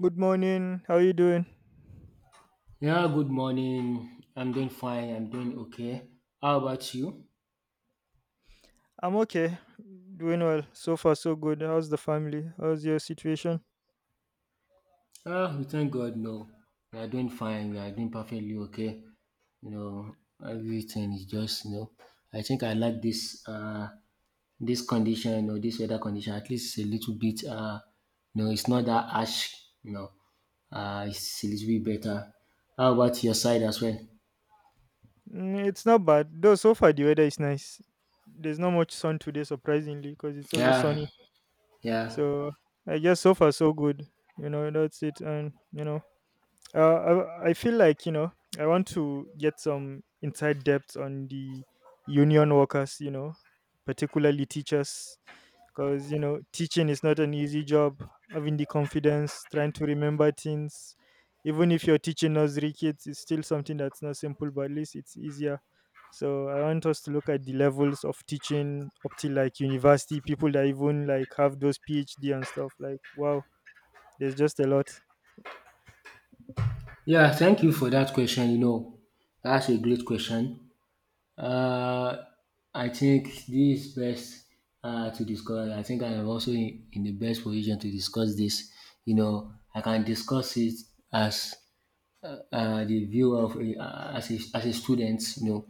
Good morning. How are you doing? Yeah, good morning. I'm doing fine. I'm doing okay. How about you? I'm okay. Doing well. So far, so good. How's the family? How's your situation? Ah, we thank God. No, we are doing fine. We are doing perfectly okay. You know, Everything is just. I think I like this condition, or this weather condition. At least it's a little bit no, it's not that harsh. You know, it's a little bit better. How about your side as well? It's not bad. Though so far the weather is nice. There's not much sun today, surprisingly, because it's always Yeah, sunny. yeah, So I guess so far so good. You know, that's it. And you know, Uh, I feel like I want to get some inside depth on the union workers, you know, particularly teachers, because you know teaching is not an easy job. Having the confidence, trying to remember things, even if you're teaching nursery kids, it's still something that's not simple, but at least it's easier. So I want us to look at the levels of teaching up till like university, people that even like have those PhD and stuff. Like wow, there's just a lot. yeah. Thank you for that question. That's a great question. Uh, I think this is best to discuss. I think I am also in the best position to discuss this. I can discuss it as the view of a student. You know,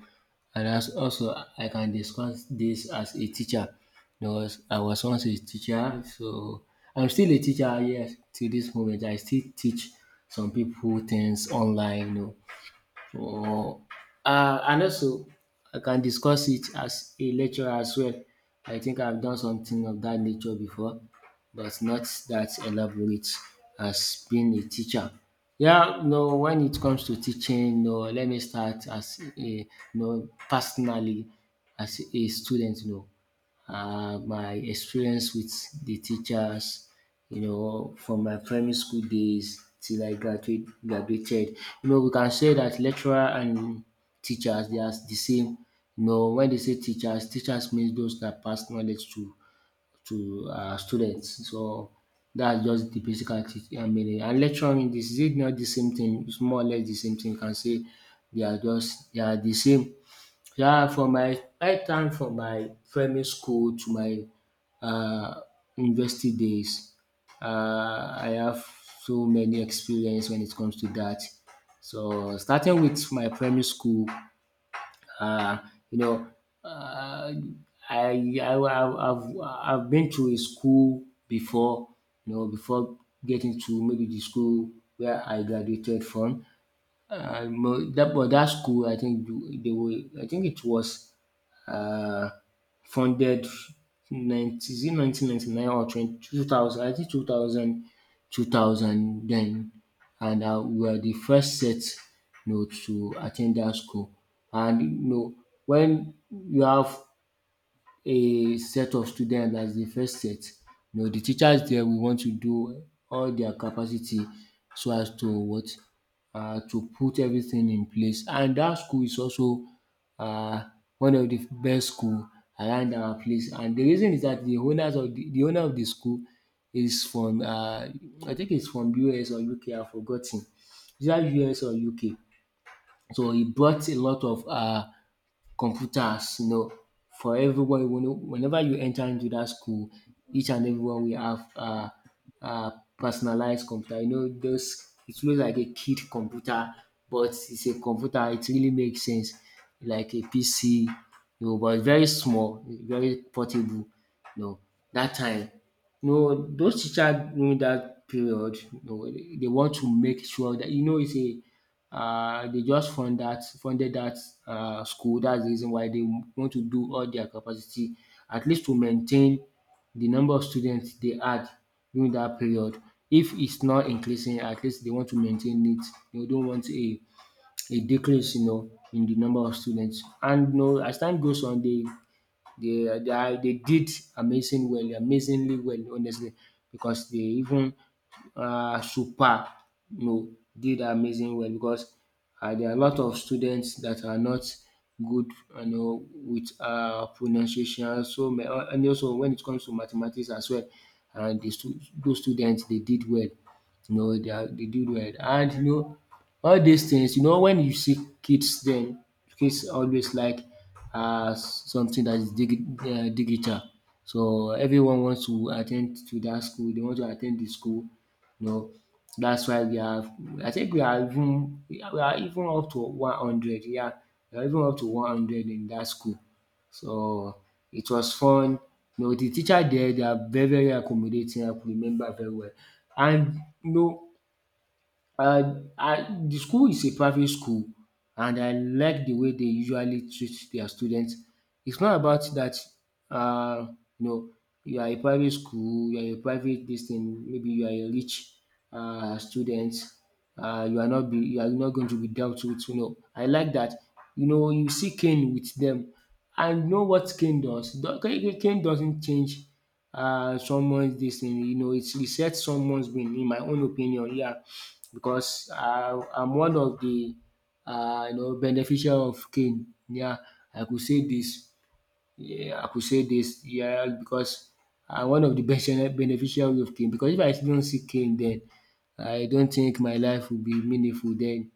and as also I can discuss this as a teacher. Because I was once a teacher, so I'm still a teacher. Yes, to this moment, I still teach some people things online. Oh, and also I can discuss it as a lecturer as well. I think I've done something of that nature before, but not that elaborate as being a teacher. Yeah, no, when it comes to teaching, no, let me start as a, no, personally as a student, no, my experience with the teachers, from my primary school days till I graduated. We can say that lecturer and teachers, they are the same. When they say teachers, means those that pass knowledge to students. So that's just the basic meaning. And lecturing, this is it not the same thing? It's more or less the same thing. You can say they are the same, yeah, from my primary school to my uh, university days. I have so many experience when it comes to that. So starting with my primary school, uh, you know, uh, I've been to a school before, before getting to maybe the school where I graduated from. Mo- that but that school, I think it was uh, funded 90, is it 1999, or 22,000? I think two thousand, two thousand then. And we were the first set to attend that school. And when you have a set of students, as the first set, You know the teachers there will want to do all their capacity, so as to put everything in place. And that school is also uh one of the best school around our place. And the reason is that the owner of the school is from, I think, it's from US or UK, I forgot 10. Is that US or UK? So he brought a lot of computers, for everyone. Whenever you enter into that school, each and everyone will have uh, personalized computer. You know, those it looks like a kid computer, but it's a computer. It really makes sense, like a PC, but very small, very portable. You know, that time, no, those teachers during that period, no, they want to make sure that, it's a they just funded that school. That's the reason why they want to do all their capacity, at least to maintain the number of students they had during that period. If it's not increasing, at least they want to maintain it. They don't want a decrease, in the number of students. And as time goes on, they did amazingly well honestly, because they even, super no, did amazing well, because there are a lot of students that are not good, with pronunciation. So and also when it comes to mathematics as well, and those students, they did well. They do well. And all these things, when you see kids, then kids always like something that is digital. So everyone wants to attend to that school, they want to attend the school, you know. That's why we have I think we are even up to 100, yeah. We are even up to 100 in that school. So it was fun. The teacher there, they are very, very accommodating. I could remember very well. And you know, the school is a private school, and I like the way they usually treat their students. It's not about that, uh, you know, you are a private school, you are a private this thing. Maybe you are a rich student, you are not going to be dealt with. You know, I like that. You see Cain with them, and you know what Cain does. Cain doesn't change someone's this thing. It's reset someone's brain. In my own opinion, yeah, because I'm one of the, beneficial of cane. Yeah, I could say this yeah, I could say this, yeah, because I'm one of the best beneficiary of cane. Because if I don't see cane, then I don't think my life will be meaningful then.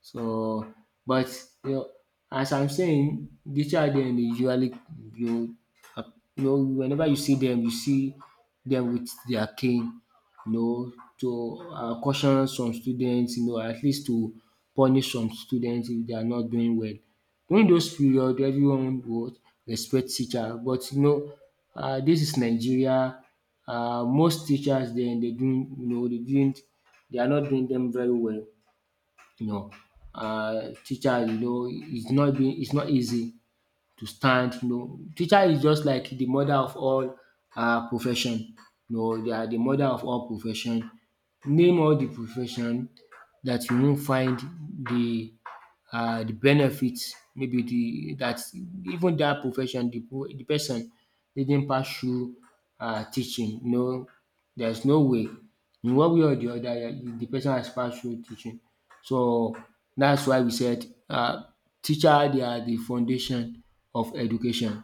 So, but you know, as I'm saying, the child then, they usually, you know, uh, whenever you see them with their cane, to caution some students, at least to punish some students if they are not doing well. During those period, everyone would respect teacher. But this is Nigeria. Most teachers then, they doing, dey doing, they are not doing them very well, you know. Teacher, it's not easy to stand you know. Teacher is just like the mother of all our profession. They are the mother of all profession. Name all the profession that you won't find the the benefits. Maybe the that even that profession, the person reading pass through teaching, no, there's no way. In one way or the other, yeah, the person has passed through teaching. So that's why we said, teacher, they are the foundation of education.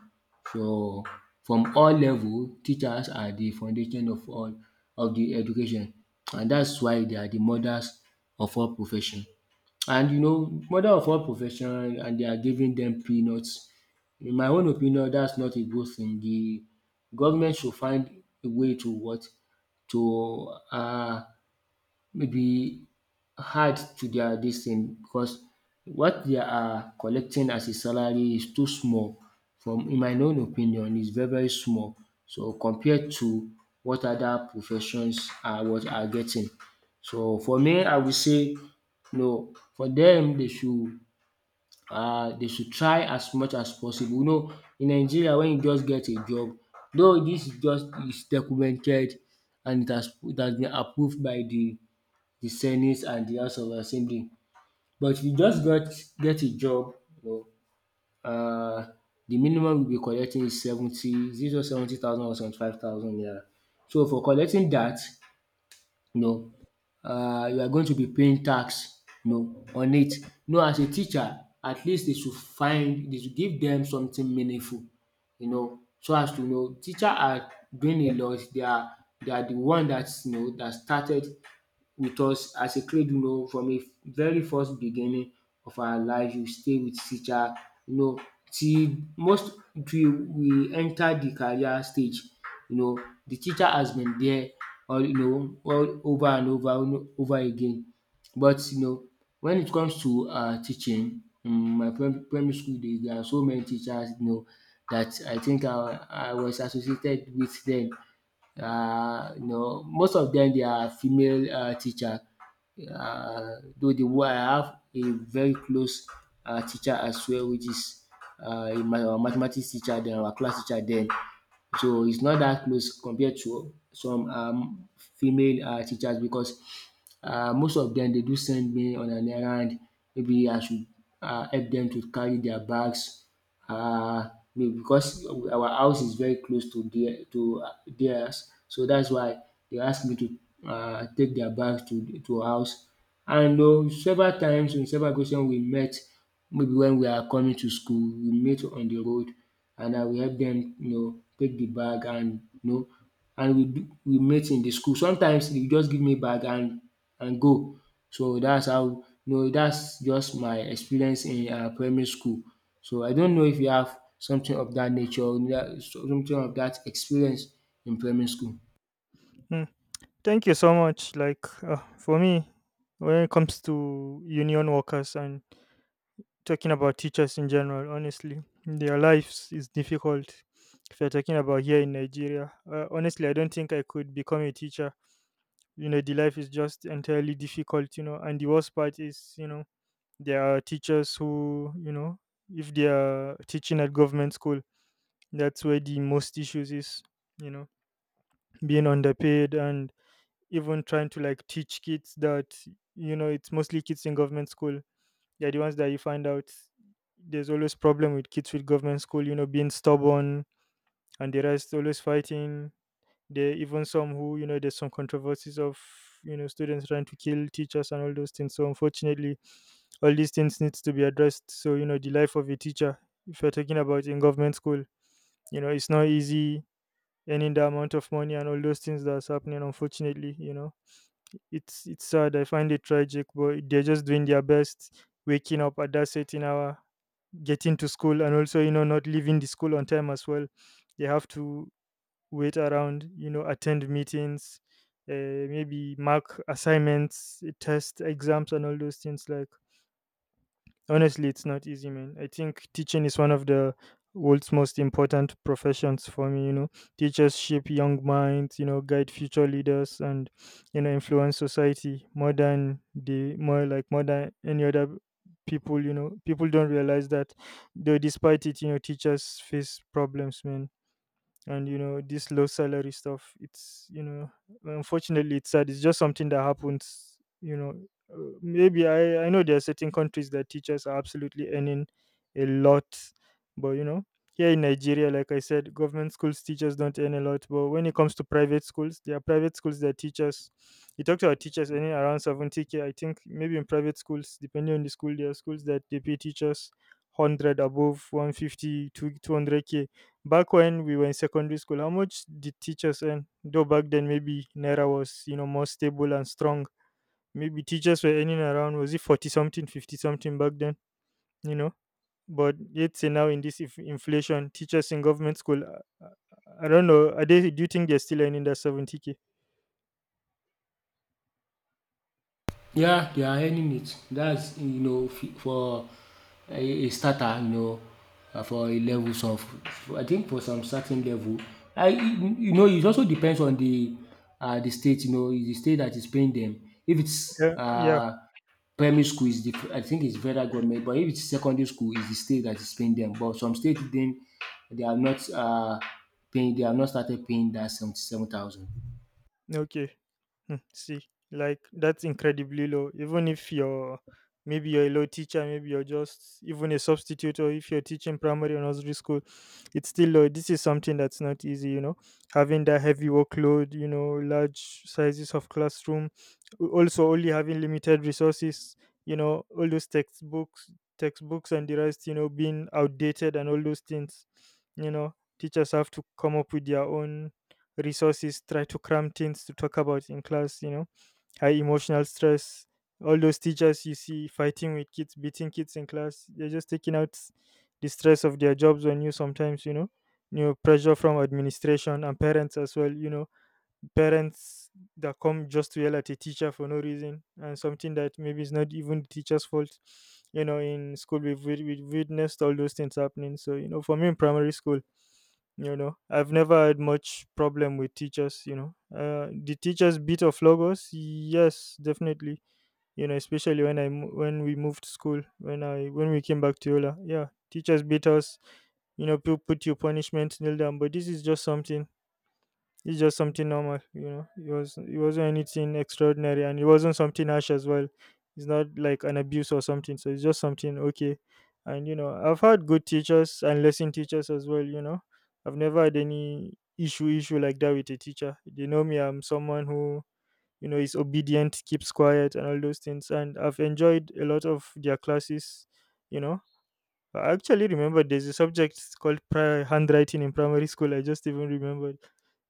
So from all level, teachers are the foundation of all of the education, and that's why they are the mothers of all profession. And mother of all profession, and they are giving them peanuts. In my own opinion, that's not a good thing. The government should find a way, to what, to maybe hard to their dis thing, because what they are collecting as a salary is too small, from in my own opinion, is very very small, so compared to what other professions are, what are getting. So for me, I will say no, for dem dey should try as much as possible. In Nigeria, when you just get a job, though dis is documented, and it has been approved by de the senate and the house of assembly, but if you just got get a job, you know, the minimum you will be collecting is 70, is it 70,000 or 75,000 naira? So for collecting that, you know you are going to be paying tax, on it. As a teacher, at least they should give them something meaningful, so as to, teacher are doing a lot. They are the one that's, that started with us as a cradle, from a very first beginning of our life. You stay with teacher, you know till most, till we enter the career stage, you know. The teacher has been there, all you know all over and over and over again. But when it comes to teaching, my primary school days, there are so many teachers, that I think I was associated with them. Most of them, they are female, teacher. Though the one I have a very close, teacher as well, which is, my mathematics teacher den, our class teacher then. So it's not that close compared to some female teachers because most of them they do send me on an errand, maybe I should help them to carry their bags um because our house is very close to theirs. So that's why they ask me to take their bags to house, and several times in several occasions we met. Maybe when we are coming to school we meet on the road and I will help them, take the bag, and you know and we meet in the school. Sometimes they just give me bag and go. So that's how, that's just my experience in primary school. So I don't know if you have something of that nature, or something of that experience in primary school. Mm. Thank you so much. Like for me, when it comes to union workers and talking about teachers in general, honestly, their lives is difficult. If you're talking about here in Nigeria, honestly, I don't think I could become a teacher. You know, the life is just entirely difficult. You know, and the worst part is, you know, there are teachers who, you know, if they are teaching at government school, that's where the most issues is, you know, being underpaid and even trying to like teach kids that, you know, it's mostly kids in government school. They're the ones that you find out there's always problem with kids with government school, you know, being stubborn and the rest always fighting. There are even some who, you know, there's some controversies of, you know, students trying to kill teachers and all those things. So unfortunately, all these things needs to be addressed. So, you know, the life of a teacher, if you're talking about in government school, you know, it's not easy earning the amount of money and all those things that's happening, unfortunately, you know. It's sad. I find it tragic, but they're just doing their best, waking up at that certain hour, getting to school and also you know not leaving the school on time as well. They have to wait around, you know, attend meetings, maybe mark assignments, test exams, and all those things. Like, honestly, it's not easy, man. I think teaching is one of the world's most important professions for me. You know, teachers shape young minds, you know, guide future leaders, and you know, influence society more than the more like more than any other people. You know, people don't realize that, though. Despite it, you know, teachers face problems, man, and you know this low salary stuff, it's, you know, unfortunately it's sad, it's just something that happens, you know. Maybe I know there are certain countries that teachers are absolutely earning a lot, but you know, here in Nigeria, like I said, government schools teachers don't earn a lot, but when it comes to private schools, there are private schools that teachers, you talk to our teachers earning around 70k, I think maybe in private schools, depending on the school, there are schools that they pay teachers 100 above, 150 to 200k. Back when we were in secondary school, how much did teachers earn? Though back then maybe Naira was, you know, more stable and strong. Maybe teachers were earning around, was it 40 something, 50 something back then, you know? But let's say now in this inflation, teachers in government school, uh, I don't know. Are they? Do you think they're still earning that 70 k? Yeah, they are earning it. That's, you know, for a, a starter, you know, for a level some. For, I think for some certain level, I, you know, it also depends on the state. You know, is the state that is paying them. If it's Yeah, yeah. Primary school, is the, I think it's federal government, but if it's secondary school, is the state that is paying them. But some states, then they are not, paying. They have not started paying that 77,000. Okay. Hmm, see, like that's incredibly low. Even if you're, maybe you're a low teacher, maybe you're just even a substitute, or if you're teaching primary or nursery school, it's still low. This is something that's not easy, you know. Having that heavy workload, you know, large sizes of classroom, also only having limited resources, you know, all those textbooks, textbooks and the rest, you know, being outdated and all those things, you know, teachers have to come up with their own resources, try to cram things to talk about in class, you know, high emotional stress, all those teachers you see fighting with kids, beating kids in class, they're just taking out the stress of their jobs on you sometimes, you know, new pressure from administration and parents as well, you know, parents that come just to yell at a teacher for no reason and something that maybe is not even the teacher's fault. You know, in school we've witnessed all those things happening. So you know, for me in primary school, you know, I've never had much problem with teachers, you know. The teachers bit of Logos, yes, definitely, you know, especially when when we moved school, when I when we came back to Yola, yeah, teachers beat us, you know, put you punishment, kneel down, but this is just something, it's just something normal, you know. It wasn't anything extraordinary, and it wasn't something harsh as well. It's not like an abuse or something. So it's just something okay. And you know, I've had good teachers and lesson teachers as well. You know, I've never had any issue like that with a teacher. They know me. I'm someone who, you know, is obedient, keeps quiet, and all those things. And I've enjoyed a lot of their classes. You know, I actually remember there's a subject called handwriting in primary school. I just even remembered,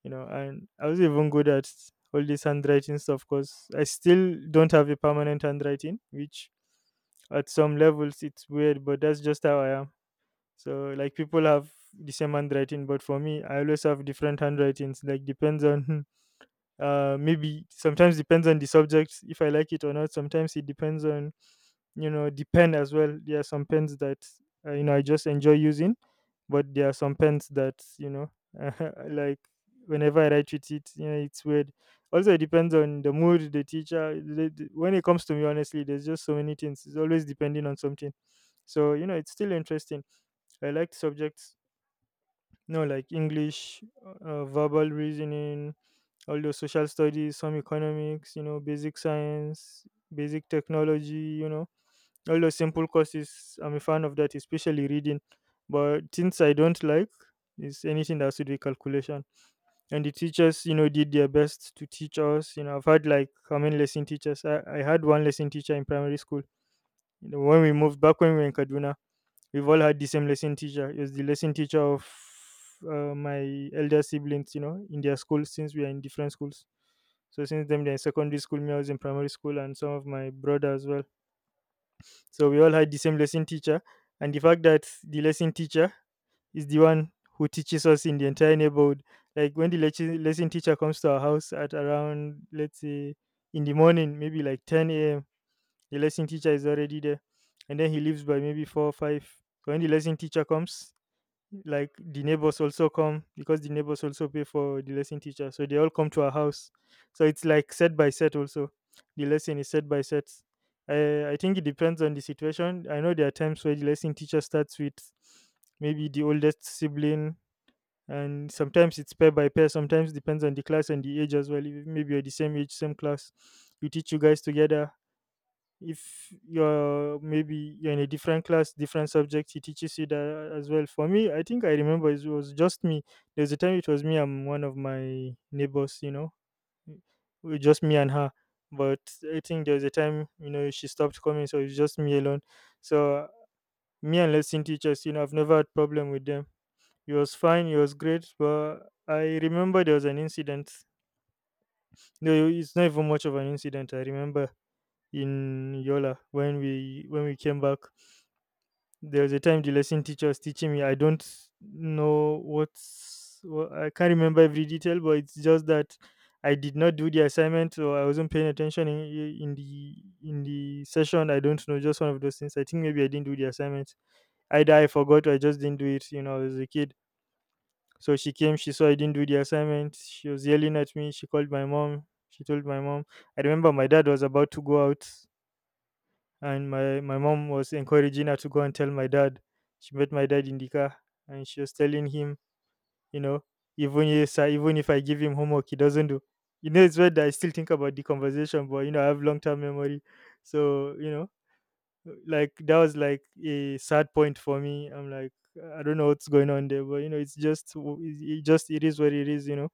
you know, and I was even good at all this handwriting stuff because I still don't have a permanent handwriting, which at some levels it's weird, but that's just how I am. So like people have the same handwriting, but for me, I always have different handwritings. Like depends on maybe sometimes depends on the subject if I like it or not, sometimes it depends on, you know, the pen as well. There are some pens that you know, I just enjoy using, but there are some pens that you know like whenever I write with it, you know, it's weird. Also it depends on the mood, the teacher, when it comes to me, honestly, there's just so many things, it's always depending on something. So you know, it's still interesting. I like subjects, no, like English, verbal reasoning, all those social studies, some economics, you know, basic science, basic technology, you know, all those simple courses. I'm a fan of that, especially reading. But things I don't like is anything that has to do with calculation. And the teachers, you know, did their best to teach us. You know, I've had like how many lesson teachers? I had one lesson teacher in primary school. You know, when we moved back when we were in Kaduna, we've all had the same lesson teacher. He was the lesson teacher of my elder siblings, you know, in their school, since we are in different schools. So since them, they're in secondary school, me I was in primary school, and some of my brother as well. So we all had the same lesson teacher, and the fact that the lesson teacher is the one who teaches us in the entire neighborhood. Like when the lesson teacher comes to our house at around, let's say, in the morning, maybe like 10 a.m, the lesson teacher is already there, and then he leaves by maybe 4 or 5. So when the lesson teacher comes, like the neighbors also come because the neighbors also pay for the lesson teacher, so they all come to our house. So it's like set by set also. The lesson is set by set. I think it depends on the situation. I know there are times where the lesson teacher starts with maybe the oldest sibling, and sometimes it's pair by pair, sometimes depends on the class and the age as well. If maybe you're the same age, same class, you teach, you guys together. If you're maybe you're in a different class, different subject, he teaches you that as well. For me, I think I remember it was just me. There's a time it was me and one of my neighbors, you know, it just me and her, but I think there was a time, you know, she stopped coming, so it's just me alone. So me and lesson teachers, you know, I've never had problem with them. It was fine, it was great, but I remember there was an incident, no, it's not even much of an incident. I remember in Yola when we came back, there was a time the lesson teacher was teaching me. I don't know what, I can't remember every detail, but it's just that I did not do the assignment, or I wasn't paying attention in the in the session. I don't know, just one of those things. I think maybe I didn't do the assignment. Either I forgot or I just didn't do it. You know, I was a kid. So she came, she saw I didn't do the assignment. She was yelling at me. She called my mom. She told my mom. I remember my dad was about to go out and my mom was encouraging her to go and tell my dad. She met my dad in the car, and she was telling him, you know, even if sir, even if I give him homework, he doesn't do. You know, it's weird that I still think about the conversation, but you know, I have long term memory, so you know, like that was like a sad point for me. I'm like, I don't know what's going on there, but you know, it's just w- it just it is what it is, you know.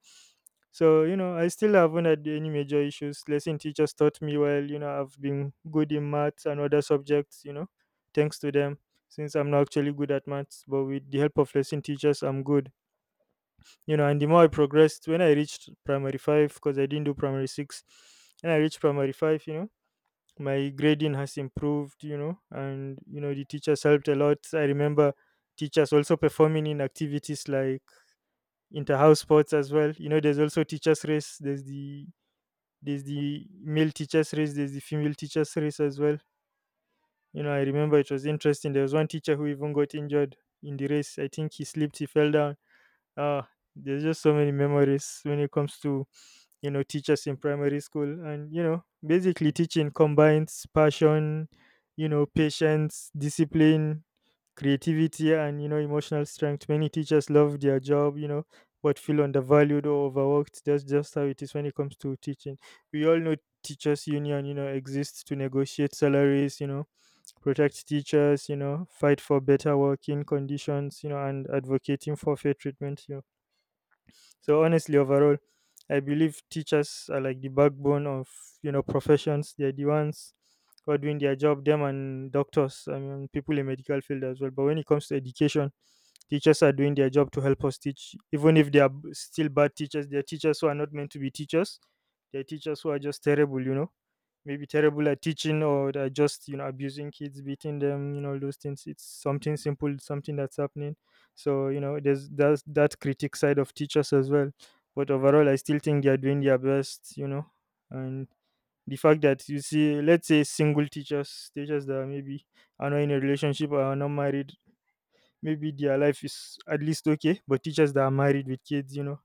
So you know, I still haven't had any major issues. Lesson teachers taught me well. You know, I've been good in maths and other subjects, you know, thanks to them, since I'm not actually good at maths, but with the help of lesson teachers I'm good, you know. And the more I progressed, when I reached primary five, because I didn't do primary six, and I reached primary five, you know, my grading has improved, you know. And you know, the teachers helped a lot. I remember teachers also performing in activities like inter-house sports as well. You know, there's also teachers race. There's the male teachers race, there's the female teachers race as well. You know, I remember it was interesting. There was one teacher who even got injured in the race. I think he slipped, he fell down. Ah, there's just so many memories when it comes to, you know, teachers in primary school. And you know, basically teaching combines passion, you know, patience, discipline, creativity, and you know, emotional strength. Many teachers love their job, you know, but feel undervalued or overworked. That's just how it is when it comes to teaching. We all know teachers union, you know, exists to negotiate salaries, you know, protect teachers, you know, fight for better working conditions, you know, and advocating for fair treatment, you know. So honestly, overall, I believe teachers are like the backbone of, you know, professions. They're the ones who are doing their job. Them and doctors, I mean, people in medical field as well. But when it comes to education, teachers are doing their job to help us teach. Even if they are still bad teachers, they are teachers who are not meant to be teachers. They are teachers who are just terrible, you know, maybe terrible at teaching, or they're just, you know, abusing kids, beating them, you know, all those things. It's something simple, something that's happening. So you know, there's that's that critic side of teachers as well. But overall, I still think they're doing their best, you know. And the fact that you see, let's say, single teachers, teachers that are maybe are not in a relationship or are not married, maybe their life is at least okay. But teachers that are married with kids, you know,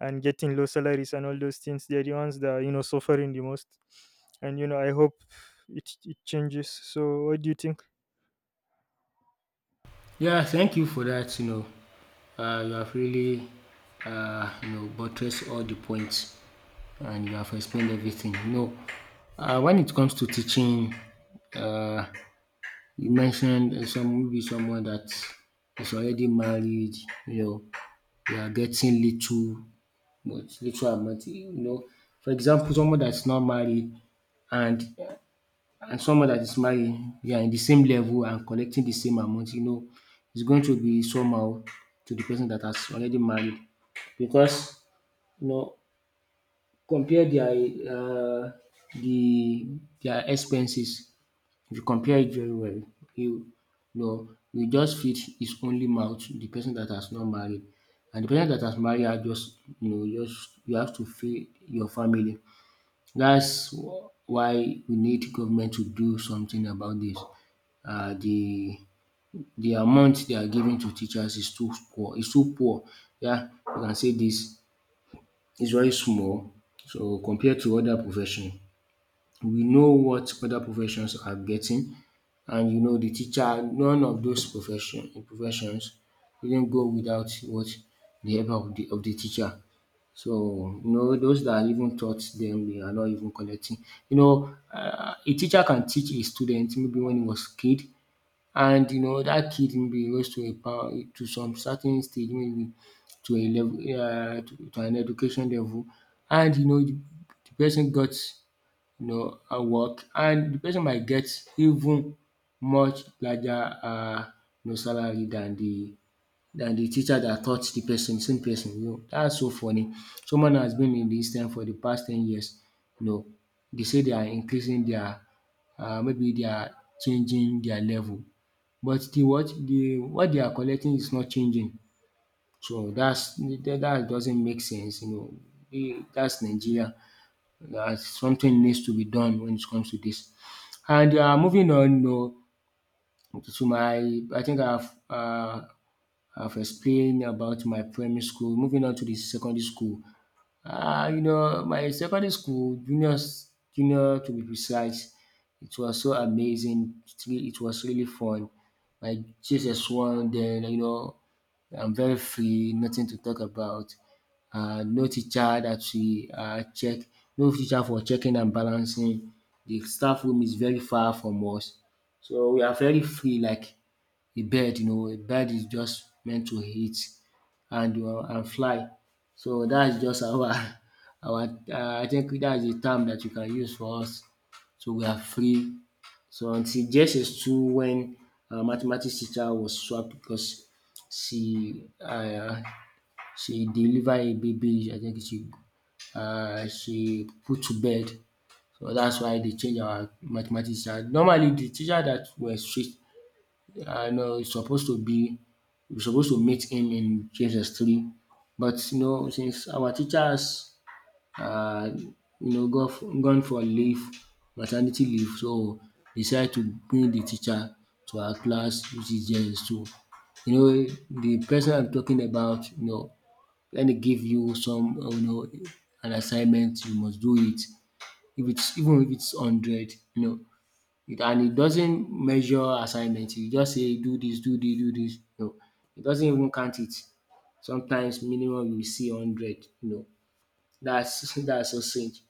and getting low salaries and all those things, they're the ones that are, you know, suffering the most. And you know, I hope it changes. So what do you think? Yeah, thank you for that. You know, you have really, you know, buttressed all the points, and you have explained everything. You know, when it comes to teaching, uh, you mentioned some, maybe someone that is already married. You know, they are getting little, but little amount. You know, for example, someone that's not married and someone that is married, you are in the same level and collecting the same amount, you know, it's going to be somehow to the person that has already married, because, you know, compare their the their expenses. If you compare it very well, you know, you just feed his only mouth, the person that has not married, and the person that has married are just, you know, just you have to feed your family. That's why we need government to do something about this, uh, the the amount they are giving to teachers is too poor, is too poor. Yeah, you can say this is very small. So compared to other profession, we know what other professions are getting, and you know the teacher. None of those professions didn't go without what the help of the teacher. So you know those that even taught them, they are not even collecting. You know, a teacher can teach a student maybe when he was kid, and you know that kid maybe e rose to a power to some certain stage, maybe to a level, to an education level. And you know the person got, you know, a work, and the person might get even much larger, uh, you know, salary than the teacher that taught the person, same person, you know. That's so funny. Someone has been in this thing for the past 10 years, you know. They say they are increasing their, maybe they are changing their level, but the what they are collecting is not changing. So that's that doesn't make sense, you know. E, that's Nigeria. That something needs to be done when it comes to this. And moving on, you know, to my, I think I've explained about my primary school. Moving on to the secondary school. Ah, you know, my secondary school, juniors, junior to be precise, it was so amazing. It really, it was really fun. My Jesus one, then, you know, I'm very free, nothing to talk about. No teacher that we, check, no teacher for checking and balancing. The staff room is very far from us, so we are very free. Like a bird, you know, a bird is just meant to eat and, and fly. So that's just our our, I think that is a term that you can use for us. So we are free. So until JSS two, when our mathematics teacher was swapped because she, she delivered a baby, I think she, she put to bed. So that's why they change our mathematics teacher. Normally the teacher that were strict, I know it's supposed to be, we're supposed to meet him in Genesis three, but you know since our teachers, you know, gone for leave, maternity leave, so decide to bring the teacher to our class, which is Genesis two. You know the person I'm talking about. You know, let me give you some, you know, an assignment, you must do it. If it's even if it's hundred, you know, it and it doesn't measure assignment. You just say do this, do this, do this. No, it doesn't even count it. Sometimes minimum you will see hundred. You know, that's that's so strange.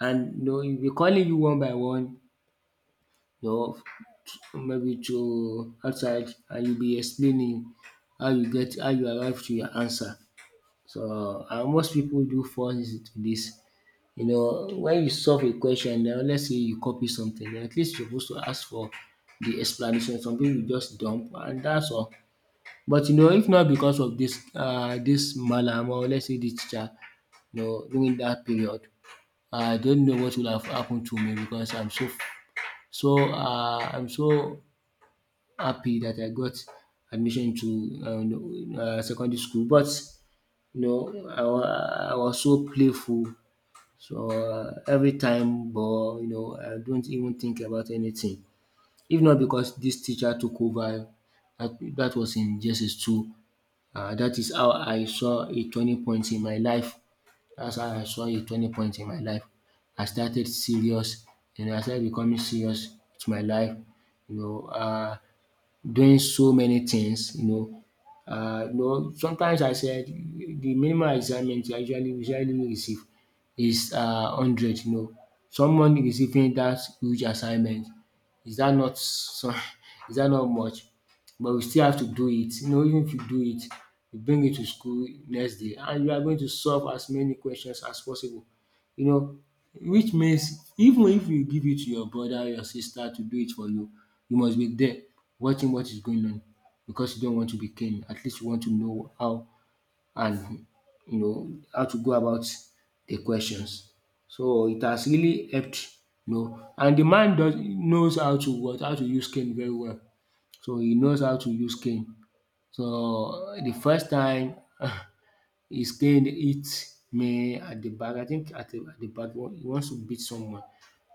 And you know, e be calling you one by one, you know, maybe to outside, and you will be explaining how you arrive to your answer. So and most people do fall into dis. You know, when you solve a question and let's say you copy something, then at least you're supposed to ask for the explanation. Some people just dump and that's all. But you know, if not because of this, this mallam, or let's say the teacher, you know, during that period, I don't know what would have happened to me because I'm so, I'm so happy that I got admission to secondary school. But you know, I was so playful, so, every time, but, you know, I don't even think about anything. If not because this teacher took over, that was in JSS 2, that is how I saw a turning point in my life. That's how I saw a turning point in my life. I started serious, and I started becoming serious to my life. You know, doing so many things, you know. You know, sometimes I said the minimum assignment I usually receive is, hundred. You know, someone receiving that huge assignment, is that not so? Is that not much? But we still have to do it. You know, even if you do it, you bring it to school next day, and you are going to solve as many questions as possible. You know, which means even if you give it to your brother or your sister to do it for you, you must be there watching what is going on, because you don't want to be king. At least you want to know how and you know how to go about the questions. So it has really helped, you know. And the man does knows how to use cane very well. So he knows how to use cane. So the first time he stayed hit me at the back. I think at the back he wants to beat someone,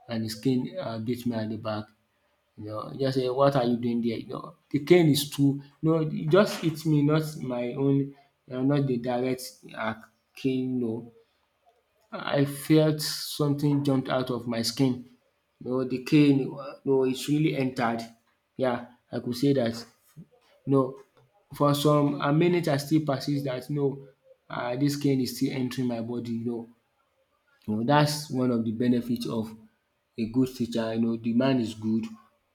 and his cane, beat me at the back. You know, he just say, "What are you doing there?" You know, the cane is too, no, it just hit me, not my own, not the direct, cane. No, I felt something jumped out of my skin. No, the cane, no, it's really entered. Yeah, I could say that. No, for some amenities I still persist that no, dis cane is still entering my body. You, you know that's one of the benefit of a good teacher. You know, the man is good,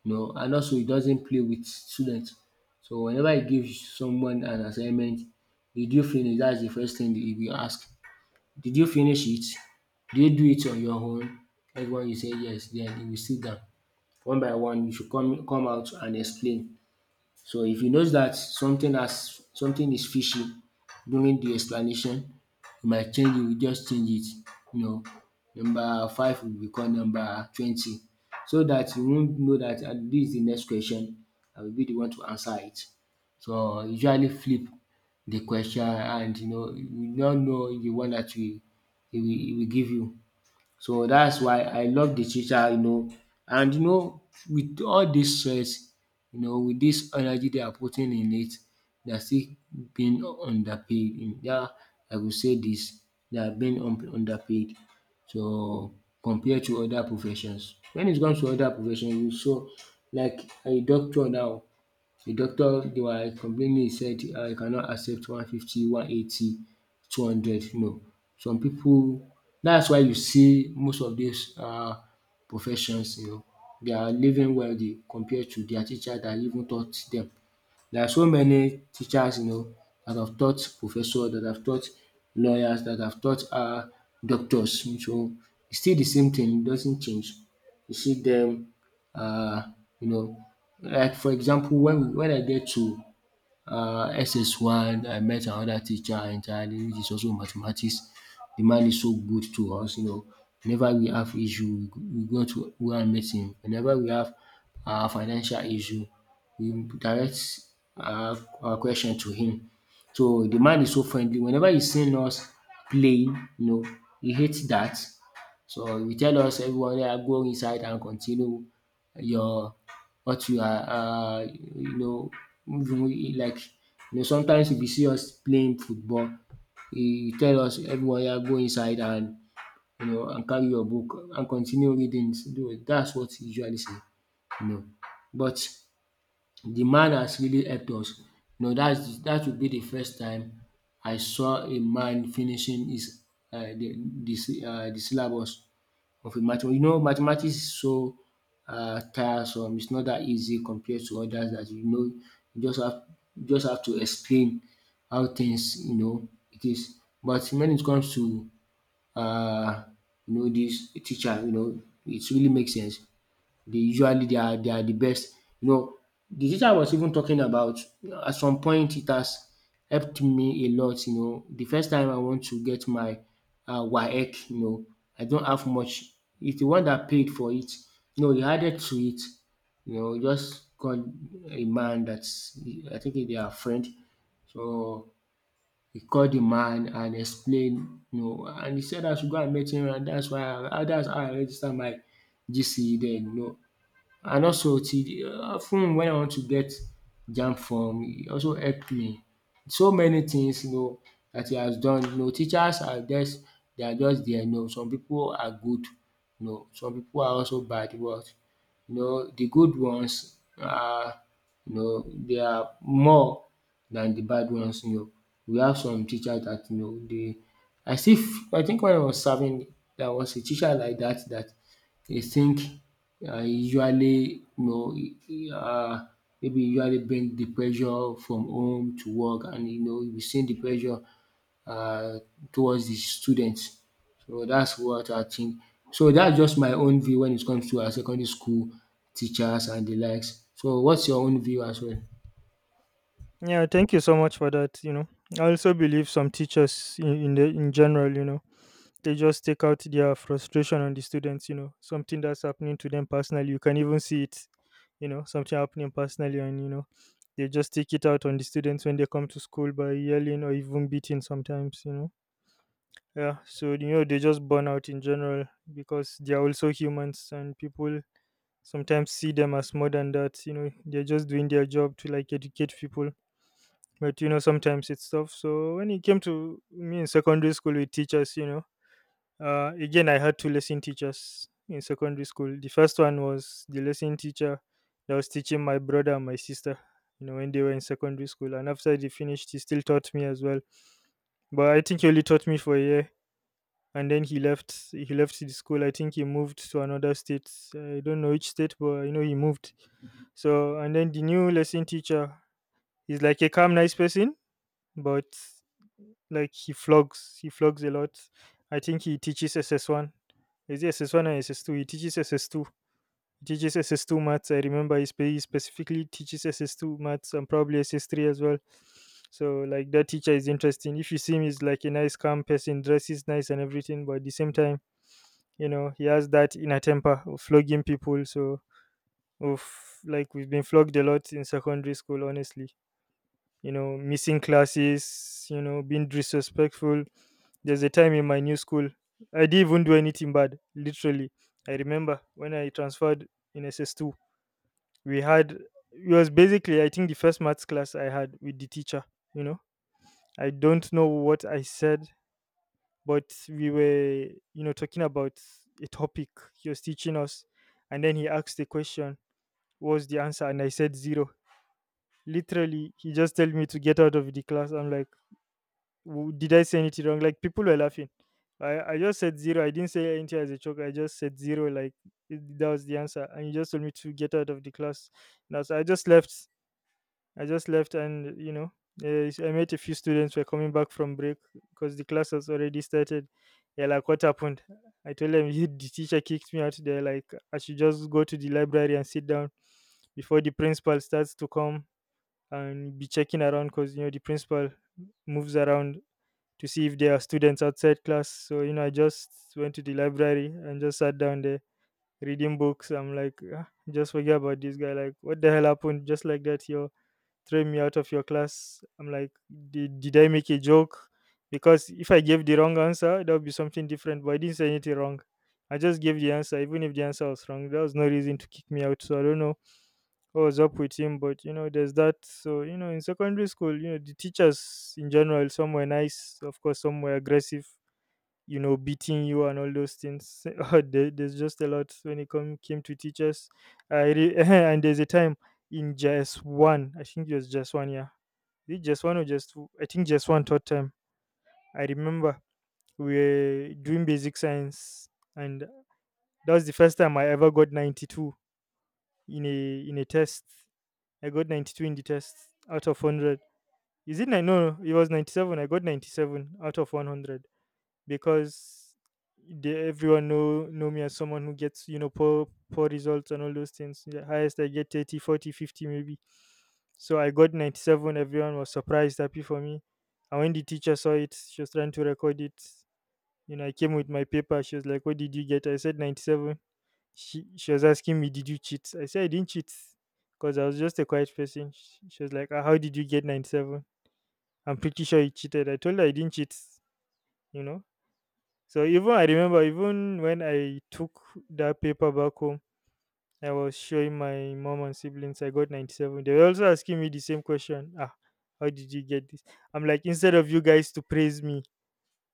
you know, and also he doesn't play with students. So whenever he gives someone an assignment, "Did you finish?" That's the first thing he will ask. "Did you finish it?", "Did you do it on your own?" Everyone will say yes. Then he will sit down. One by one you should come out and explain. So if you notice that something is fishy during the explanation, you might change it, you just change it. You know, number five will become number 20, so that you won't know that, ah, this is the next question, I will be the one to answer it. So usually flip the question, and you know you don't know the one that we he will, he will give you. So that's why I love the teacher. You know, and you know, with all dis stress, you know, with this energy they are putting in it, they are still being underpaid in dat. I go say this: they are being underpaid. So compared to other professions. When it comes to other professions, you saw like a doctor now, the doctor they were complaining, he said, he cannot accept 150, 180, 200, no. Some people. That's why you see most of these, professions, you know, they are living wealthy compared to their teacher dat even taught them. There are so many teachers, you know, that have taught professors, that have taught lawyers, that have taught, doctors. So it's still the same thing. It doesn't change. You see them you know, like for example when I get to SS1, I met another teacher entirely, which is also mathematics. The man is so good to us, you know, whenever we have issue we go to go and meet him. Whenever we have financial issue we direct our question to him. So the man is so friendly, whenever he's seen us playing, you know, he hates that. So you tell us everyone go inside and continue your what you are you know, even like you know, sometimes if you see us playing football, you tell us everyone go inside and, you know, and carry your book and continue reading. So that's what he usually say, you know. But the man has really helped us. You know, dats dat would be the first time I saw a man finishing his the de de de syllabus of a math. You know, mathematics is so tiresome. It's not that easy compared to others that, you know, you just have to explain how things, you know, it is. But when it comes to uh, you know, this teacher, you know, it really makes sense. They are the best. You know, the teacher I was even talking about at some point, it has helped me a lot, you know. The first time I want to get my WAEC, you know, I don't have much. It's the one that paid for it. You know, he added to it. You know, just called a man that's I think they are friend. So he called the man and explained, you know, and he said I should go and meet him, and that's why I that's how I registered my GCE then, you know. And also till of ten wen I want to get jamb, from e also help me. So many things, you know, that he has done. You know, teachers are just they are just there. You know, some people are good, you know, some people are also bad, but you know de good ones are, you know, they are more than the bad ones, you know. We have some teachers that, you know, they as if, I think when I was serving there was a teacher like that, that he think, usually, you know, uh, maybe usually bring the pressure from home to work, and you know, we send the pressure uh, towards the students. So that's what I think. So that's just my own view when it comes to our secondary school teachers and the likes. So what's your own view as well? Yeah, thank you so much for that, you know. I also believe some teachers in the in general, you know, they just take out their frustration on the students, you know, something that's happening to them personally. You can even see it, you know, something happening personally. And you know, they just take it out on the students when they come to school, by yelling or even beating sometimes, you know. Yeah, so you know, they just burn out in general, because they are also humans, and people sometimes see them as more than that, you know. They're just doing their job to like educate people. But you know, sometimes it's tough. So when it came to me in secondary school with teachers, you know, again, I had two lesson teachers in secondary school. The first one was the lesson teacher that was teaching my brother and my sister, you know, when they were in secondary school. And after they finished, he still taught me as well. But I think he only taught me for a year. And then he left. He left the school. I think he moved to another state. I don't know which state, but I know he moved. So, and then the new lesson teacher is like a calm, nice person, but like he flogs a lot. I think he teaches SS1. Is it SS1 or SS2? He teaches SS2. He teaches SS2 maths. I remember he, he specifically teaches SS2 maths and probably SS3 as well. So like that teacher is interesting. If you see him, he's like a nice, calm person, dresses nice and everything. But at the same time, you know, he has that inner temper of flogging people. So of like we've been flogged a lot in secondary school, honestly. You know, missing classes, you know, being disrespectful. There's a time in my new school, I didn't even do anything bad, literally. I remember when I transferred in SS2, we had, it was basically, I think, the first maths class I had with the teacher, you know. I don't know what I said, but we were, you know, talking about a topic he was teaching us. And then he asked the question, what was the answer? And I said zero. Literally, he just told me to get out of the class. I'm like, W- did I say anything wrong? Like, people were laughing. I just said zero. I didn't say anything as a joke. I just said zero. Like, it- that was the answer. And he just told me to get out of the class. Now so I just left. I just left, and you know, I met a few students who were coming back from break because the class has already started. Yeah, like what happened? I told them the teacher kicked me out there. Like, I should just go to the library and sit down before the principal starts to come and be checking around, because you know the principal moves around to see if there are students outside class. So, you know, I just went to the library and just sat down there reading books. I'm like, "Ah, just forget about this guy. Like, what the hell happened? Just like that, you threw me out of your class." I'm like, did I make a joke? Because if I gave the wrong answer, that would be something different. But I didn't say anything wrong. I just gave the answer, even if the answer was wrong. There was no reason to kick me out. So I don't know I was up with him, but you know, there's that. So, you know, in secondary school, you know, the teachers in general, some were nice, of course, some were aggressive, you know, beating you and all those things. There's just a lot when came to teachers. And there's a time in just one, I think it was just 1 year. Is it just one or just two? I think just one third time. I remember we were doing basic science, and that was the first time I ever got 92 in a test. I got 92 in the test out of 100. Is it nine? No, no, it was 97. I got 97 out of 100 because they, everyone know me as someone who gets, you know, poor results and all those things. The highest I get 30, 40, 50 maybe. So I got 97. Everyone was surprised, happy for me. And when the teacher saw it, she was trying to record it. You know, I came with my paper. She was like, "What did you get?" I said 97. She was asking me, "Did you cheat?" I said I didn't cheat, because I was just a quiet person. She was like, "Ah, how did you get 97? I'm pretty sure you cheated." I told her I didn't cheat, you know. So even I remember, even when I took that paper back home, I was showing my mom and siblings I got 97. They were also asking me the same question. Ah, how did you get this? I'm like, instead of you guys to praise me,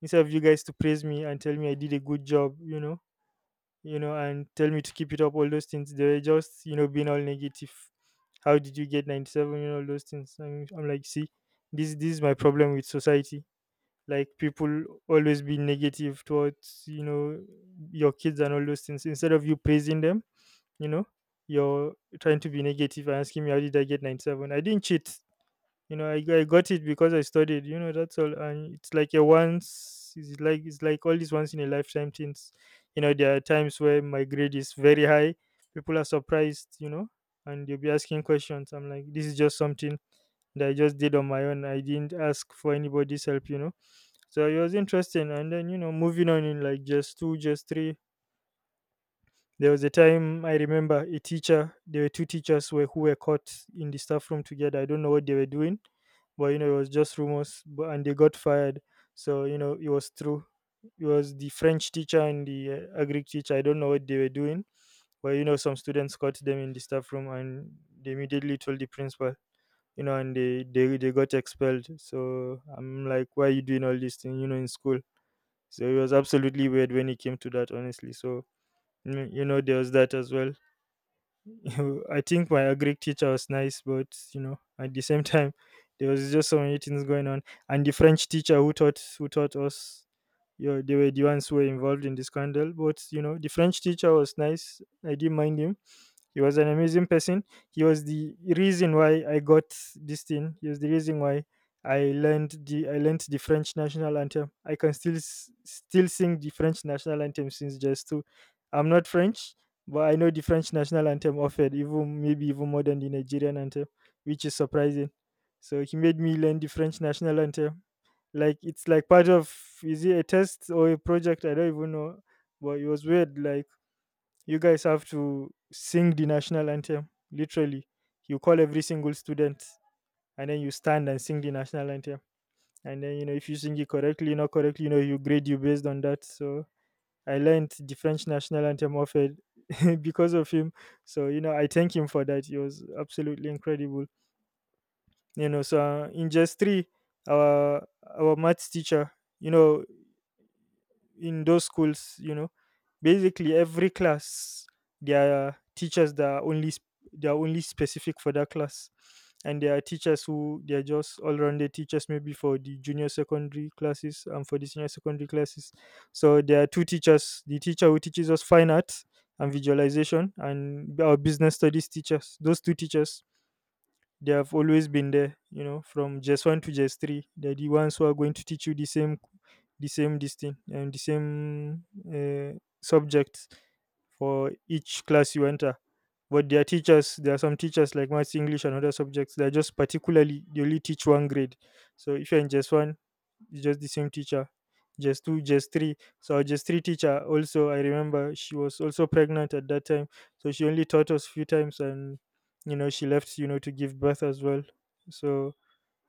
instead of you guys to praise me and tell me I did a good job, you know, and tell me to keep it up, all those things. They were just, you know, being all negative. How did you get 97? You know, all those things. I'm like, see, this is my problem with society. Like, people always be negative towards, you know, your kids and all those things. Instead of you praising them, you know, you're trying to be negative and asking me, how did I get 97? I didn't cheat, you know, I got it because I studied, you know. That's all. And it's like a once, it's like, it's like all these once in a lifetime things, you know. There are times where my grade is very high, people are surprised, you know, and you'll be asking questions. I'm like, this is just something that I just did on my own. I didn't ask for anybody's help, you know. So it was interesting. And then, you know, moving on in like just two, just three, there was a time I remember a teacher, there were two teachers were, who were caught in the staff room together. I don't know what they were doing, but you know, it was just rumors but, and they got fired. So, you know, it was true. It was the French teacher and the agri teacher. I don't know what they were doing, but you know, some students caught them in the staff room and they immediately told the principal, you know, and they got expelled. So I'm like, why are you doing all this thing, you know, in school? So it was absolutely weird when it came to that, honestly. So, you know, there was that as well. I think my agric teacher was nice, but you know, at the same time, there was just so many things going on. And the French teacher who taught us, you know, they were the ones who were involved in the scandal. But you know, the French teacher was nice. I didn't mind him. He was an amazing person. He was the reason why I got this thing. He was the reason why I learned the French national anthem. I can still still sing the French national anthem since just two. I'm not French, but I know the French national anthem offered even maybe even more than the Nigerian anthem, which is surprising. So he made me learn the French national anthem. Like it's like part of, is it a test or a project? I don't even know. But it was weird. Like, you guys have to sing the national anthem. Literally, you call every single student, and then you stand and sing the national anthem. And then you know, if you sing it correctly, not correctly, you know, you grade you based on that. So I learned the French national anthem of it because of him. So you know, I thank him for that. He was absolutely incredible. You know, so in just three, our our maths teacher, you know, in those schools, you know, basically every class, there are teachers that are only they are only specific for that class. And there are teachers who they are just all-rounded teachers, maybe for the junior secondary classes and for the senior secondary classes. So there are two teachers, the teacher who teaches us fine arts and visualization and our business studies teachers, those two teachers, they have always been there, you know, from just one to just 3. They're the ones who are going to teach you the same distinct and the same subjects for each class you enter. But their teachers, there are some teachers like Maths, English, and other subjects. They're just particularly, they only teach one grade. So if you're in just one, it's just the same teacher just 2, just 3. So our just 3 teacher also, I remember she was also pregnant at that time. So she only taught us few times and, you know, she left, you know, to give birth as well. So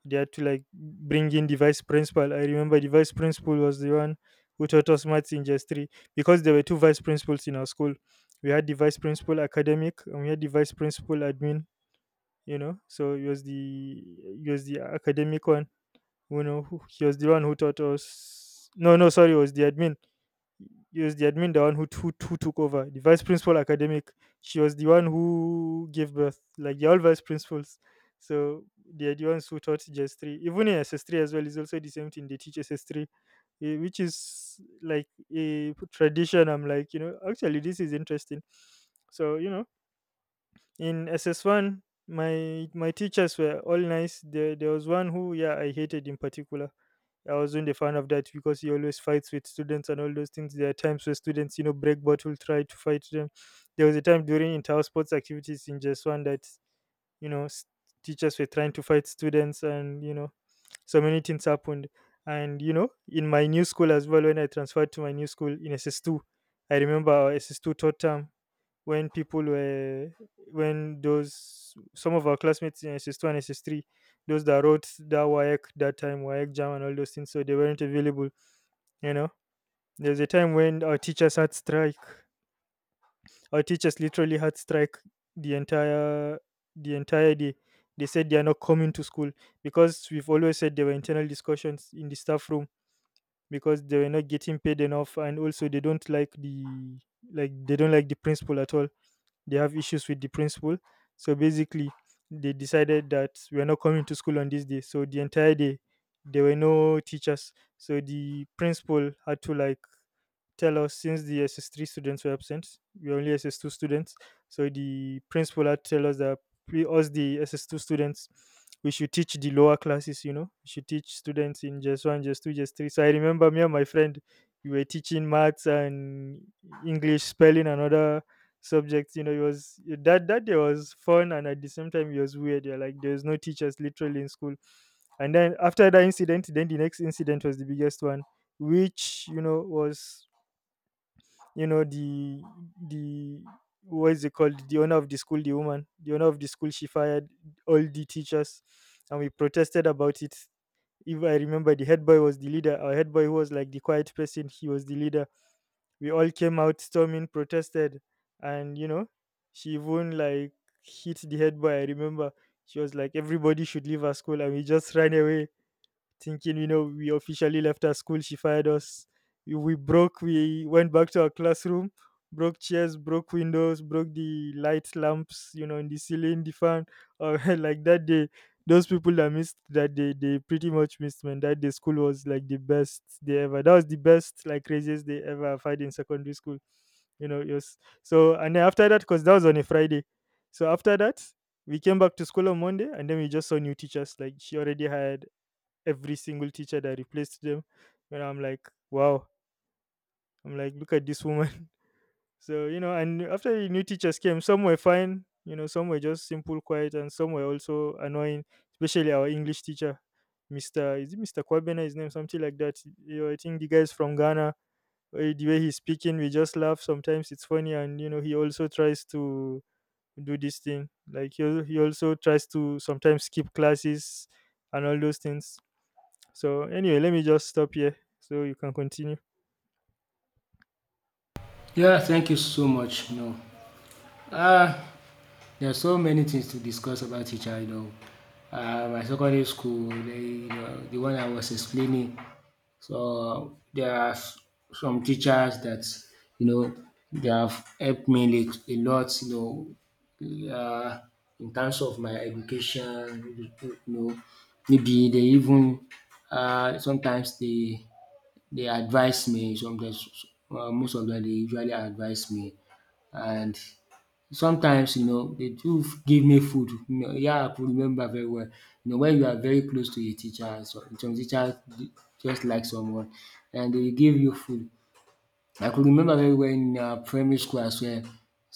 they had to like bring in the vice principal. I remember the vice principal was the one who taught us maths in just 3, because there were two vice principals in our school. We had the vice principal academic and we had the vice principal admin, you know. So it was the, it was the academic one, you know, he was the one who taught us. No, no, sorry, it was the admin. It was the admin, the one who took over the vice principal academic. She was the one who gave birth. Like, they're all vice principals. So they're the ones who taught SS3. Even in S S 3 as well is also the same thing. They teach S S 3, which is like a tradition. I'm like, you know, actually, this is interesting. So, you know, in SS1, my teachers were all nice. There was one who, yeah, I hated in particular. I wasn't a fan of that, because he always fights with students and all those things. There are times where students, you know, break bottle, try to fight them. There was a time during inter sports activities in just one that, you know, teachers were trying to fight students, and you know, so many things happened. And you know, in my new school as well, when I transferred to my new school in SS2, I remember our SS2 third term, when people were, when those some of our classmates in s S 2 and s S 3, those that wrote that WAEC that time, WAEC jam and all those things, so they weren't available. You know, there's a time when our teachers had strike. Our teachers literally had strike the entire, the entire day. They said they are not coming to school because we've always said there were internal discussions in the staff room, because they were not getting paid enough, and also they don't like the, like they don't like the principal at all. They have issues with the principal. So basically, they decided that we're not coming to school on this day. So the entire day, there were no teachers. So the principal had to like tell us, since the SS3 students were absent, we are only SS2 students. So the principal had tell us that we, us the SS2 students, we should teach the lower classes, you know, we should teach students in just one, just 2, just 3. So I remember me and my friend, we were teaching maths and English, spelling, and other subjects. You know, it was that, that day was fun and at the same time it was weird. Yeah, like there was no teachers literally in school. And then after that incident, then the next incident was the biggest one, which, you know, was, you know, the, what is it called, the owner of the school, the woman, the owner of the school, she fired all the teachers, and we protested about it. If I remember, the head boy was the leader. Our head boy, who was like the quiet person, he was the leader. We all came out storming, protested, and you know, she even like hit the head boy, I remember. She was like, everybody should leave our school, and we just ran away, thinking, you know, we officially left our school. She fired us. We broke, we went back to our classroom, broke chairs, broke windows, broke the light lamps, you know, in the ceiling, the fan. Like that day, those people that missed that day, they pretty much missed, man. That day, school was like the best day ever. That was the best, like, craziest day ever I've had in secondary school. You know, it was so, and then after that, because that was on a Friday. So after that, we came back to school on Monday, and then we just saw new teachers. Like, she already had every single teacher that replaced them. And I'm like, wow. I'm like, look at this woman. So, you know, and after the new teachers came, some were fine, you know, some were just simple, quiet, and some were also annoying, especially our English teacher, Mr. Is it Mr. Kwabena, his name, something like that? You know, I think the guy's from Ghana. The way he's speaking, we just laugh. Sometimes it's funny, and, you know, he also tries to do this thing. Like, he, he also tries to sometimes skip classes and all those things. So anyway, let me just stop here so you can continue. Yeah, thank you so much. No. Uh There are so many things to discuss about teacher, you know. My secondary school, they, you know, the one I was explaining. So there are some teachers that, you know, they have helped me a lot, you know, in terms of my education, you know, maybe they even, sometimes they advise me, sometimes, most of them, they usually advise me. And sometimes, you know, they do give me food. You know, yeah, I could remember very well. You know, when you are very close to a teacher, so some teacher just like someone, and they give you food. I could remember very well in primary school as well.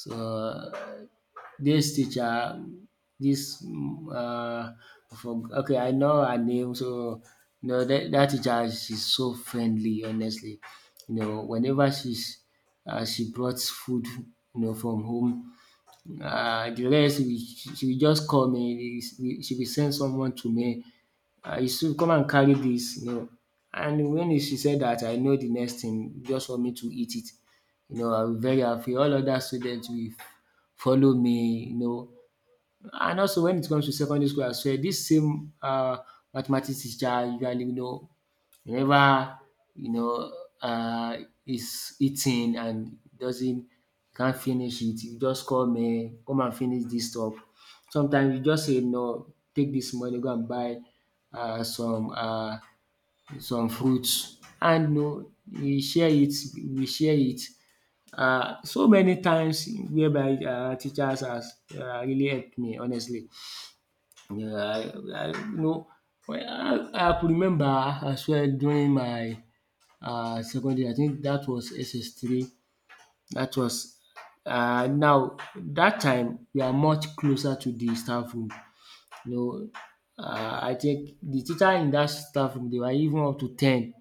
So this teacher dis okay, I know her name. So you know that dat teacher, she's so friendly, honestly. You know, whenever she's she brought food, you know, from home, the rest, she will just call me, she will send someone to me. Yusuf, come and carry this, you know, and when she said that, I know the next thing just for me to eat it. You know, I will very happy, all other students will follow me, you know. And also, when it comes to secondary school as well, this same mathematics teacher, usually, you know, whenever, you know, uh, is eating and doesn't can't finish it, you just call me, come and finish this stuff. Sometimes you just say no, take this money, go and buy uh, some. Uh, some fruits, and we share it. So many times whereby teachers has really helped me, honestly. um you know well, I could remember as well during my secondary, I think that was SS3. That was, now that time we are much closer to the staff room, you know. I think the teacher in that staff room dey were even up to ten,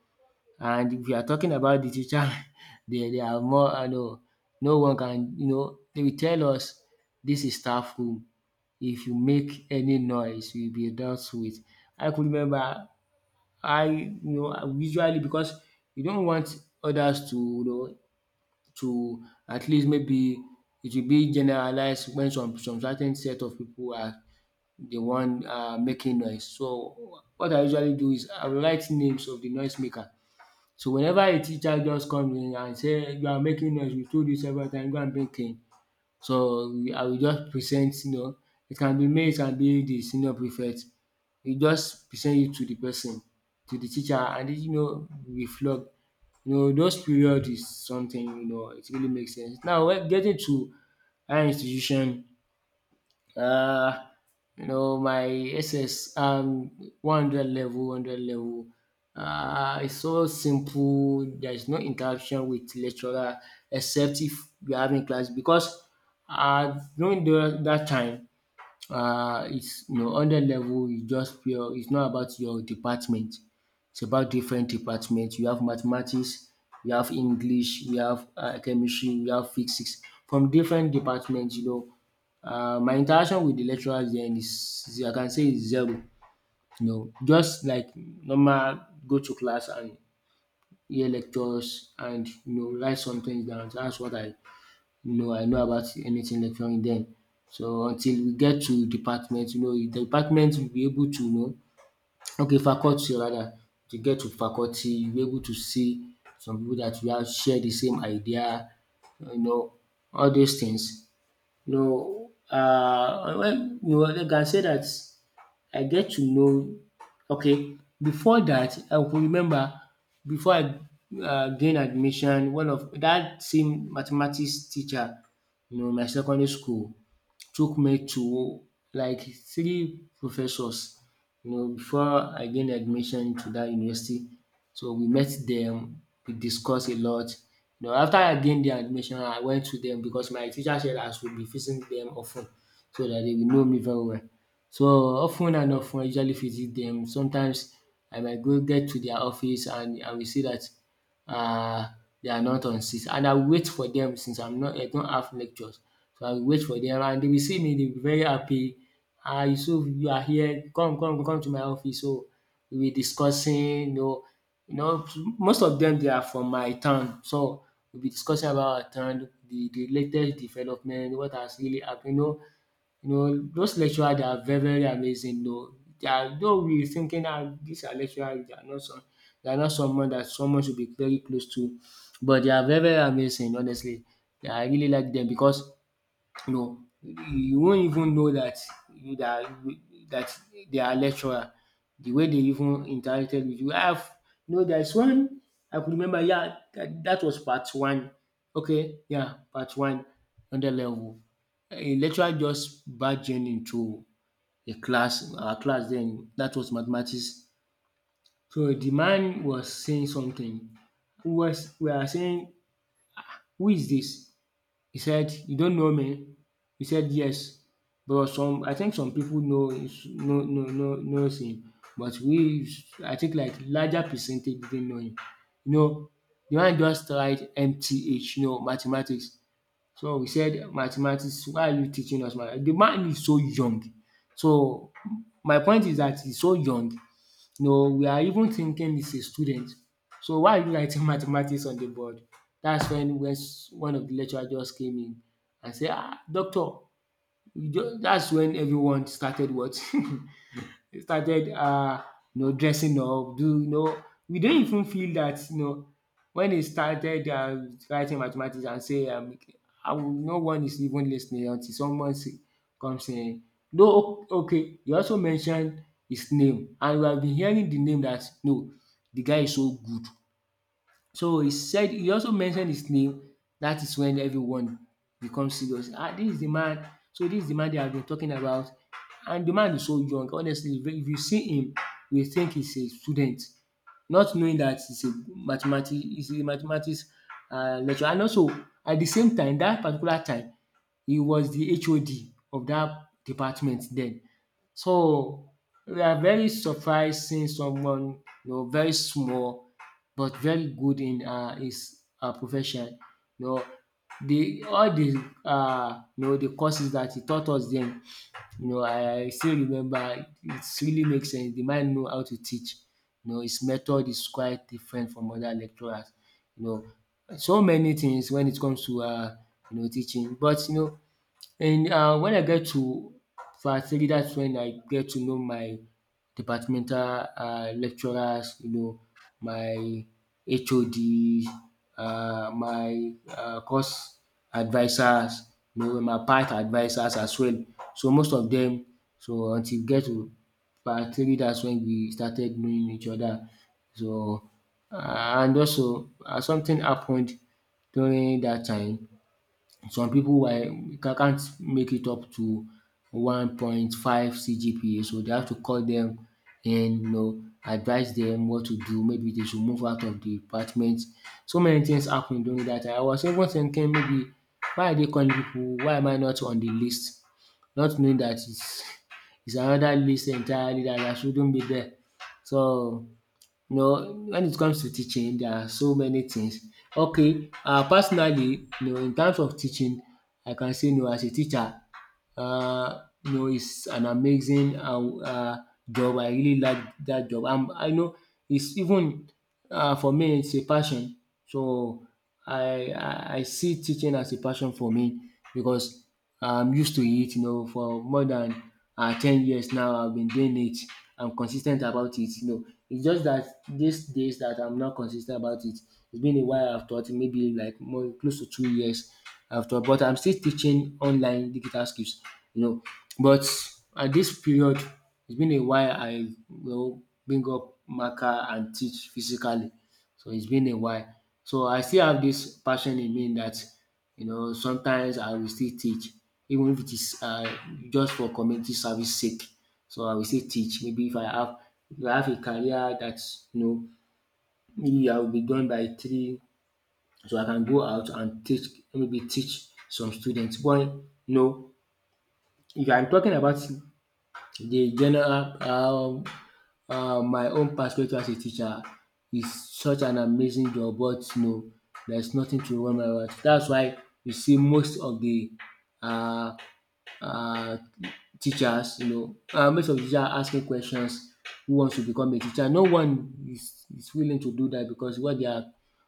and if you are talking about the teacher, they are more. I know no one can, you know, they will tell us this is staff room. If you make any noise, you will be dealt with. I could remember I, you know, usually, because you don't want others to, you know, to, at least, maybe it will be generalized when some certain set of people are the one making noise. So what I usually do is I will write names of the noise maker. So whenever a teacher just comes in and say you are making noise, we told you several times, go and bring cane. So I will just present, you know, it can be me, it can be the senior prefect. You just present it to the person, to the teacher, and you know we flog. You know, those period is something, you know, it really makes sense. Now when getting to higher institution, uh, you know, my SS, 100 level. It's so simple. There's no interaction with lecturer except if we are having class, because that time, it's you know under level. It's just pure, it's not about your department, it's about different departments. You have mathematics, you have english, you have chemistry, you have physics from different departments, you know. Uh, my interaction with the lecturers then I can say is zero. You know, just like normal, go to class and hear lectures, and you know write some things down. That's what I no, I know about anything lecturing dem. So until we get to department, you know, the department will be able to know, okay, faculty rather, to get to faculty you'll be able to see some people that you have share the same idea, you know, all those things. You know, you know, they can say that. I get to know, okay, before that I could remember before I gain admission, one of that same mathematics teacher, you know, in my secondary school, took me to like three professors, you know, before I gain admission to that university. So we met them, we discuss a lot. You know, after I gain the admission, I went to them because my teacher said I should be visiting them often, so that they will know me very well. So of ten and of ten I usually visit them. Sometimes I might go get to their office and I will see that, um they are not on seat, and I will wait for them since I don't have lectures. So I will wait for them, and they will see me. They will be very happy. "Ah, you, so you are here, come come to my office." So we will be discussing, you know, you know, most of them they are from my town, so we will be discussing about our town, the latest development, what has really happened, you know. You know, those lecturers, they are very, very amazing though. They are, though we thinking, ah, these are lecturers, they are not some, they are not someone that someone should be very close to, but they are very, very amazing, honestly. Yeah, I really like them because no, you won't even know that you that that they are lecturer. The way they even interacted with you. I have, you know, there's one I could remember, yeah, that, that was part one. Okay, yeah, part one under level. A lecturer just barged in into a class, our class then, that was mathematics. So the man was saying something. Who was we are saying, who is this? He said, "You don't know me?" He said, "Yes." But some, I think some people know, knows him, but we, I think, like larger percentage didn't know him. You know, the one just tried MTH, you know, mathematics. So we said mathematics, why are you teaching us mathematics? The man is so young. So my point is that he's so young, no, we are even thinking he's a student. So why are you writing mathematics on the board? That's when one of the lecturer just came in and say, ah, doctor, that's when everyone started what? started you know dressing up do you know we do not even feel that you know when he started writing mathematics and say I will, no one is even listening until someone say comes in. No o- okay you also mentioned his name and we have been hearing the name that no, the guy is so good, so he said he also mentioned his name. That is when everyone becomes serious. Ah, this is the man. So this is the man they have been talking about. And the man is so young. Honestly, if you see him, you will think he's a student, not knowing that he's a mathematics he's a mathematics lecturer. And also at the same time, that particular time, he was the HOD of that department then. So we are very surprised seeing someone, you know, very small but very good in his profession. You know the all the you know the courses that he taught us then, you know, I still remember it really makes sense. The man know how to teach. You know his method is quite different from other lecturers. You know so many things when it comes to you know teaching, but you know, and wen I get to varsity, that's when I get to know my departmental lecturers, you know, my HODs, my course advisors, you know, my part advisors as well. So most of them. So until we get to part 3, dats wen we started knowing each other. So and also something happened during that time. Some people were ca can't make it up to 1.5 CGPA, so they have to call them and, you know, advise them what to do, maybe they should move out of the department. So many things happen during that time. I was even thinking, maybe why are they calling people? Why am I not on the list? Not knowing that it's it's another list entirely that I shouldn't be there. So you know, when it comes to teaching, there are so many things. Okay, personally, you know, in terms of teaching, I can say no, as a teacher, you know, it's an amazing job. I really like that job. I know it's even for me, it's a passion. So I see teaching as a passion for me because I'm used to it. You know, for more than 10 years now, I've been doing it. I'm consistent about it. You know, it's just that these days that I'm not consistent about it. It's been a while I've taught, maybe like more close to 2 years after. But I'm still teaching online digital skills, you know. But at this period, it's been a while I will bring up marker and teach physically. So it's been a while. So I still have this passion in me that you know sometimes I will still teach, even if it is just for community service sake. So I will still teach. Maybe if I have a career that you know maybe I will be done by three, so I can go out and teach, maybe teach some students. But you know, if I'm talking about the general my own perspective as a teacher, is such an amazing job, but you know there's nothing to run my mouth. That's why you see most of the um uh, teachers, you know. Most of the teachers are asking questions, who wants to become a teacher. No one is willing to do that because what they are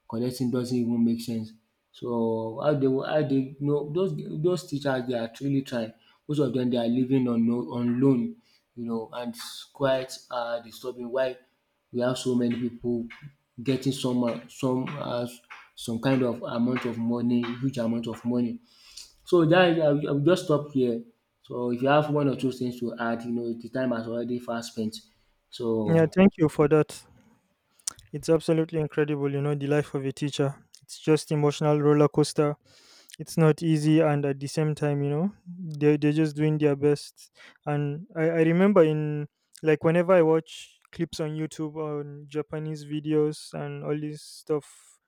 collecting doesn't even make sense. So how they you know those teachers they are truly trying. Most of them they are living on no, on loan, you know, and it's quite disturbing why we have so many people getting some some kind of amount of money, huge amount of money, so dat I will just stop here. So if you have 1 or 2 things to add, you know, the time has already fast spent. Yeah, So thank you for that. It's absolutely incredible, you know, the life of a teacher. It's just emotional roller coaster. It's not easy, and at the same time, you know, they they're just doing their best. And I remember in, like, whenever I watch clips on YouTube on Japanese videos and all this stuff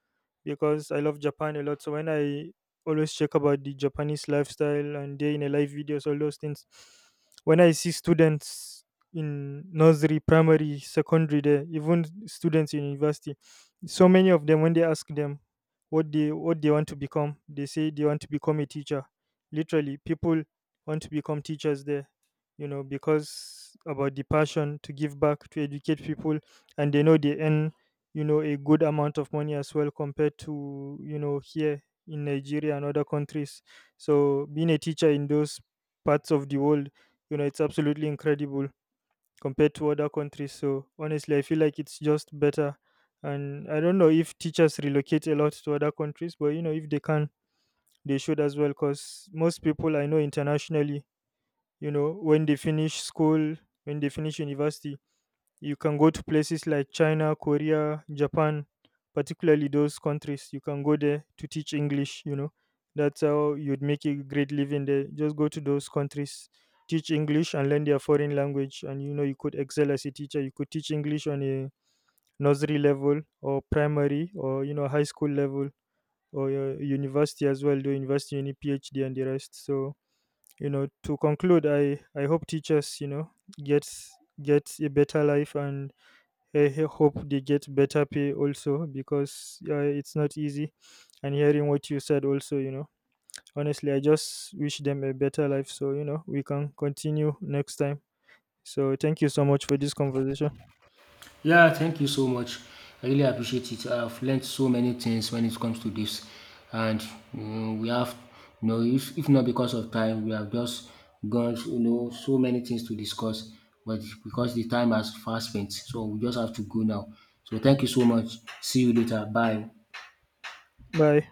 because I love Japan a lot. So when I always check about the Japanese lifestyle and day in a life videos, all those things, when I see students in nursery, primary, secondary, there, even students in university, so many of them when they ask them what they want to become, they say they want to become a teacher. Literally, people want to become teachers there, you know, because about the passion to give back to educate people, and they know they earn, you know, a good amount of money as well compared to, you know, here in Nigeria and other countries. So being a teacher in those parts of the world, you know, it's absolutely incredible compared to other countries. So honestly, I feel like it's just better. And I don't know if teachers relocate a lot to other countries, but you know, if they can, they should as well. Because most people I know internationally, you know, when they finish school, when they finish university, you can go to places like China, Korea, Japan, particularly those countries. You can go there to teach English, you know. That's how you'd make a great living there. Just go to those countries, teach English and learn their foreign language. And you know, you could excel as a teacher. You could teach English on a nursery level or primary or, you know, high school level or university as well, do university, any PhD and the rest. So, you know, to conclude, I hope teachers, you know, gets gets a better life, and I hope they get better pay also, because it's not easy. And hearing what you said also, you know, honestly, I just wish them a better life. So, you know, we can continue next time. So, thank you so much for this conversation. yeah, thank you so much. I really appreciate it. I've learned so many things when it comes to this, and you know, we have, you know, if not because of time, we have just gone, you know, so many things to discuss. But because the time has fast spent, so we just have to go now. So thank you so much. See you later. Bye. Bye.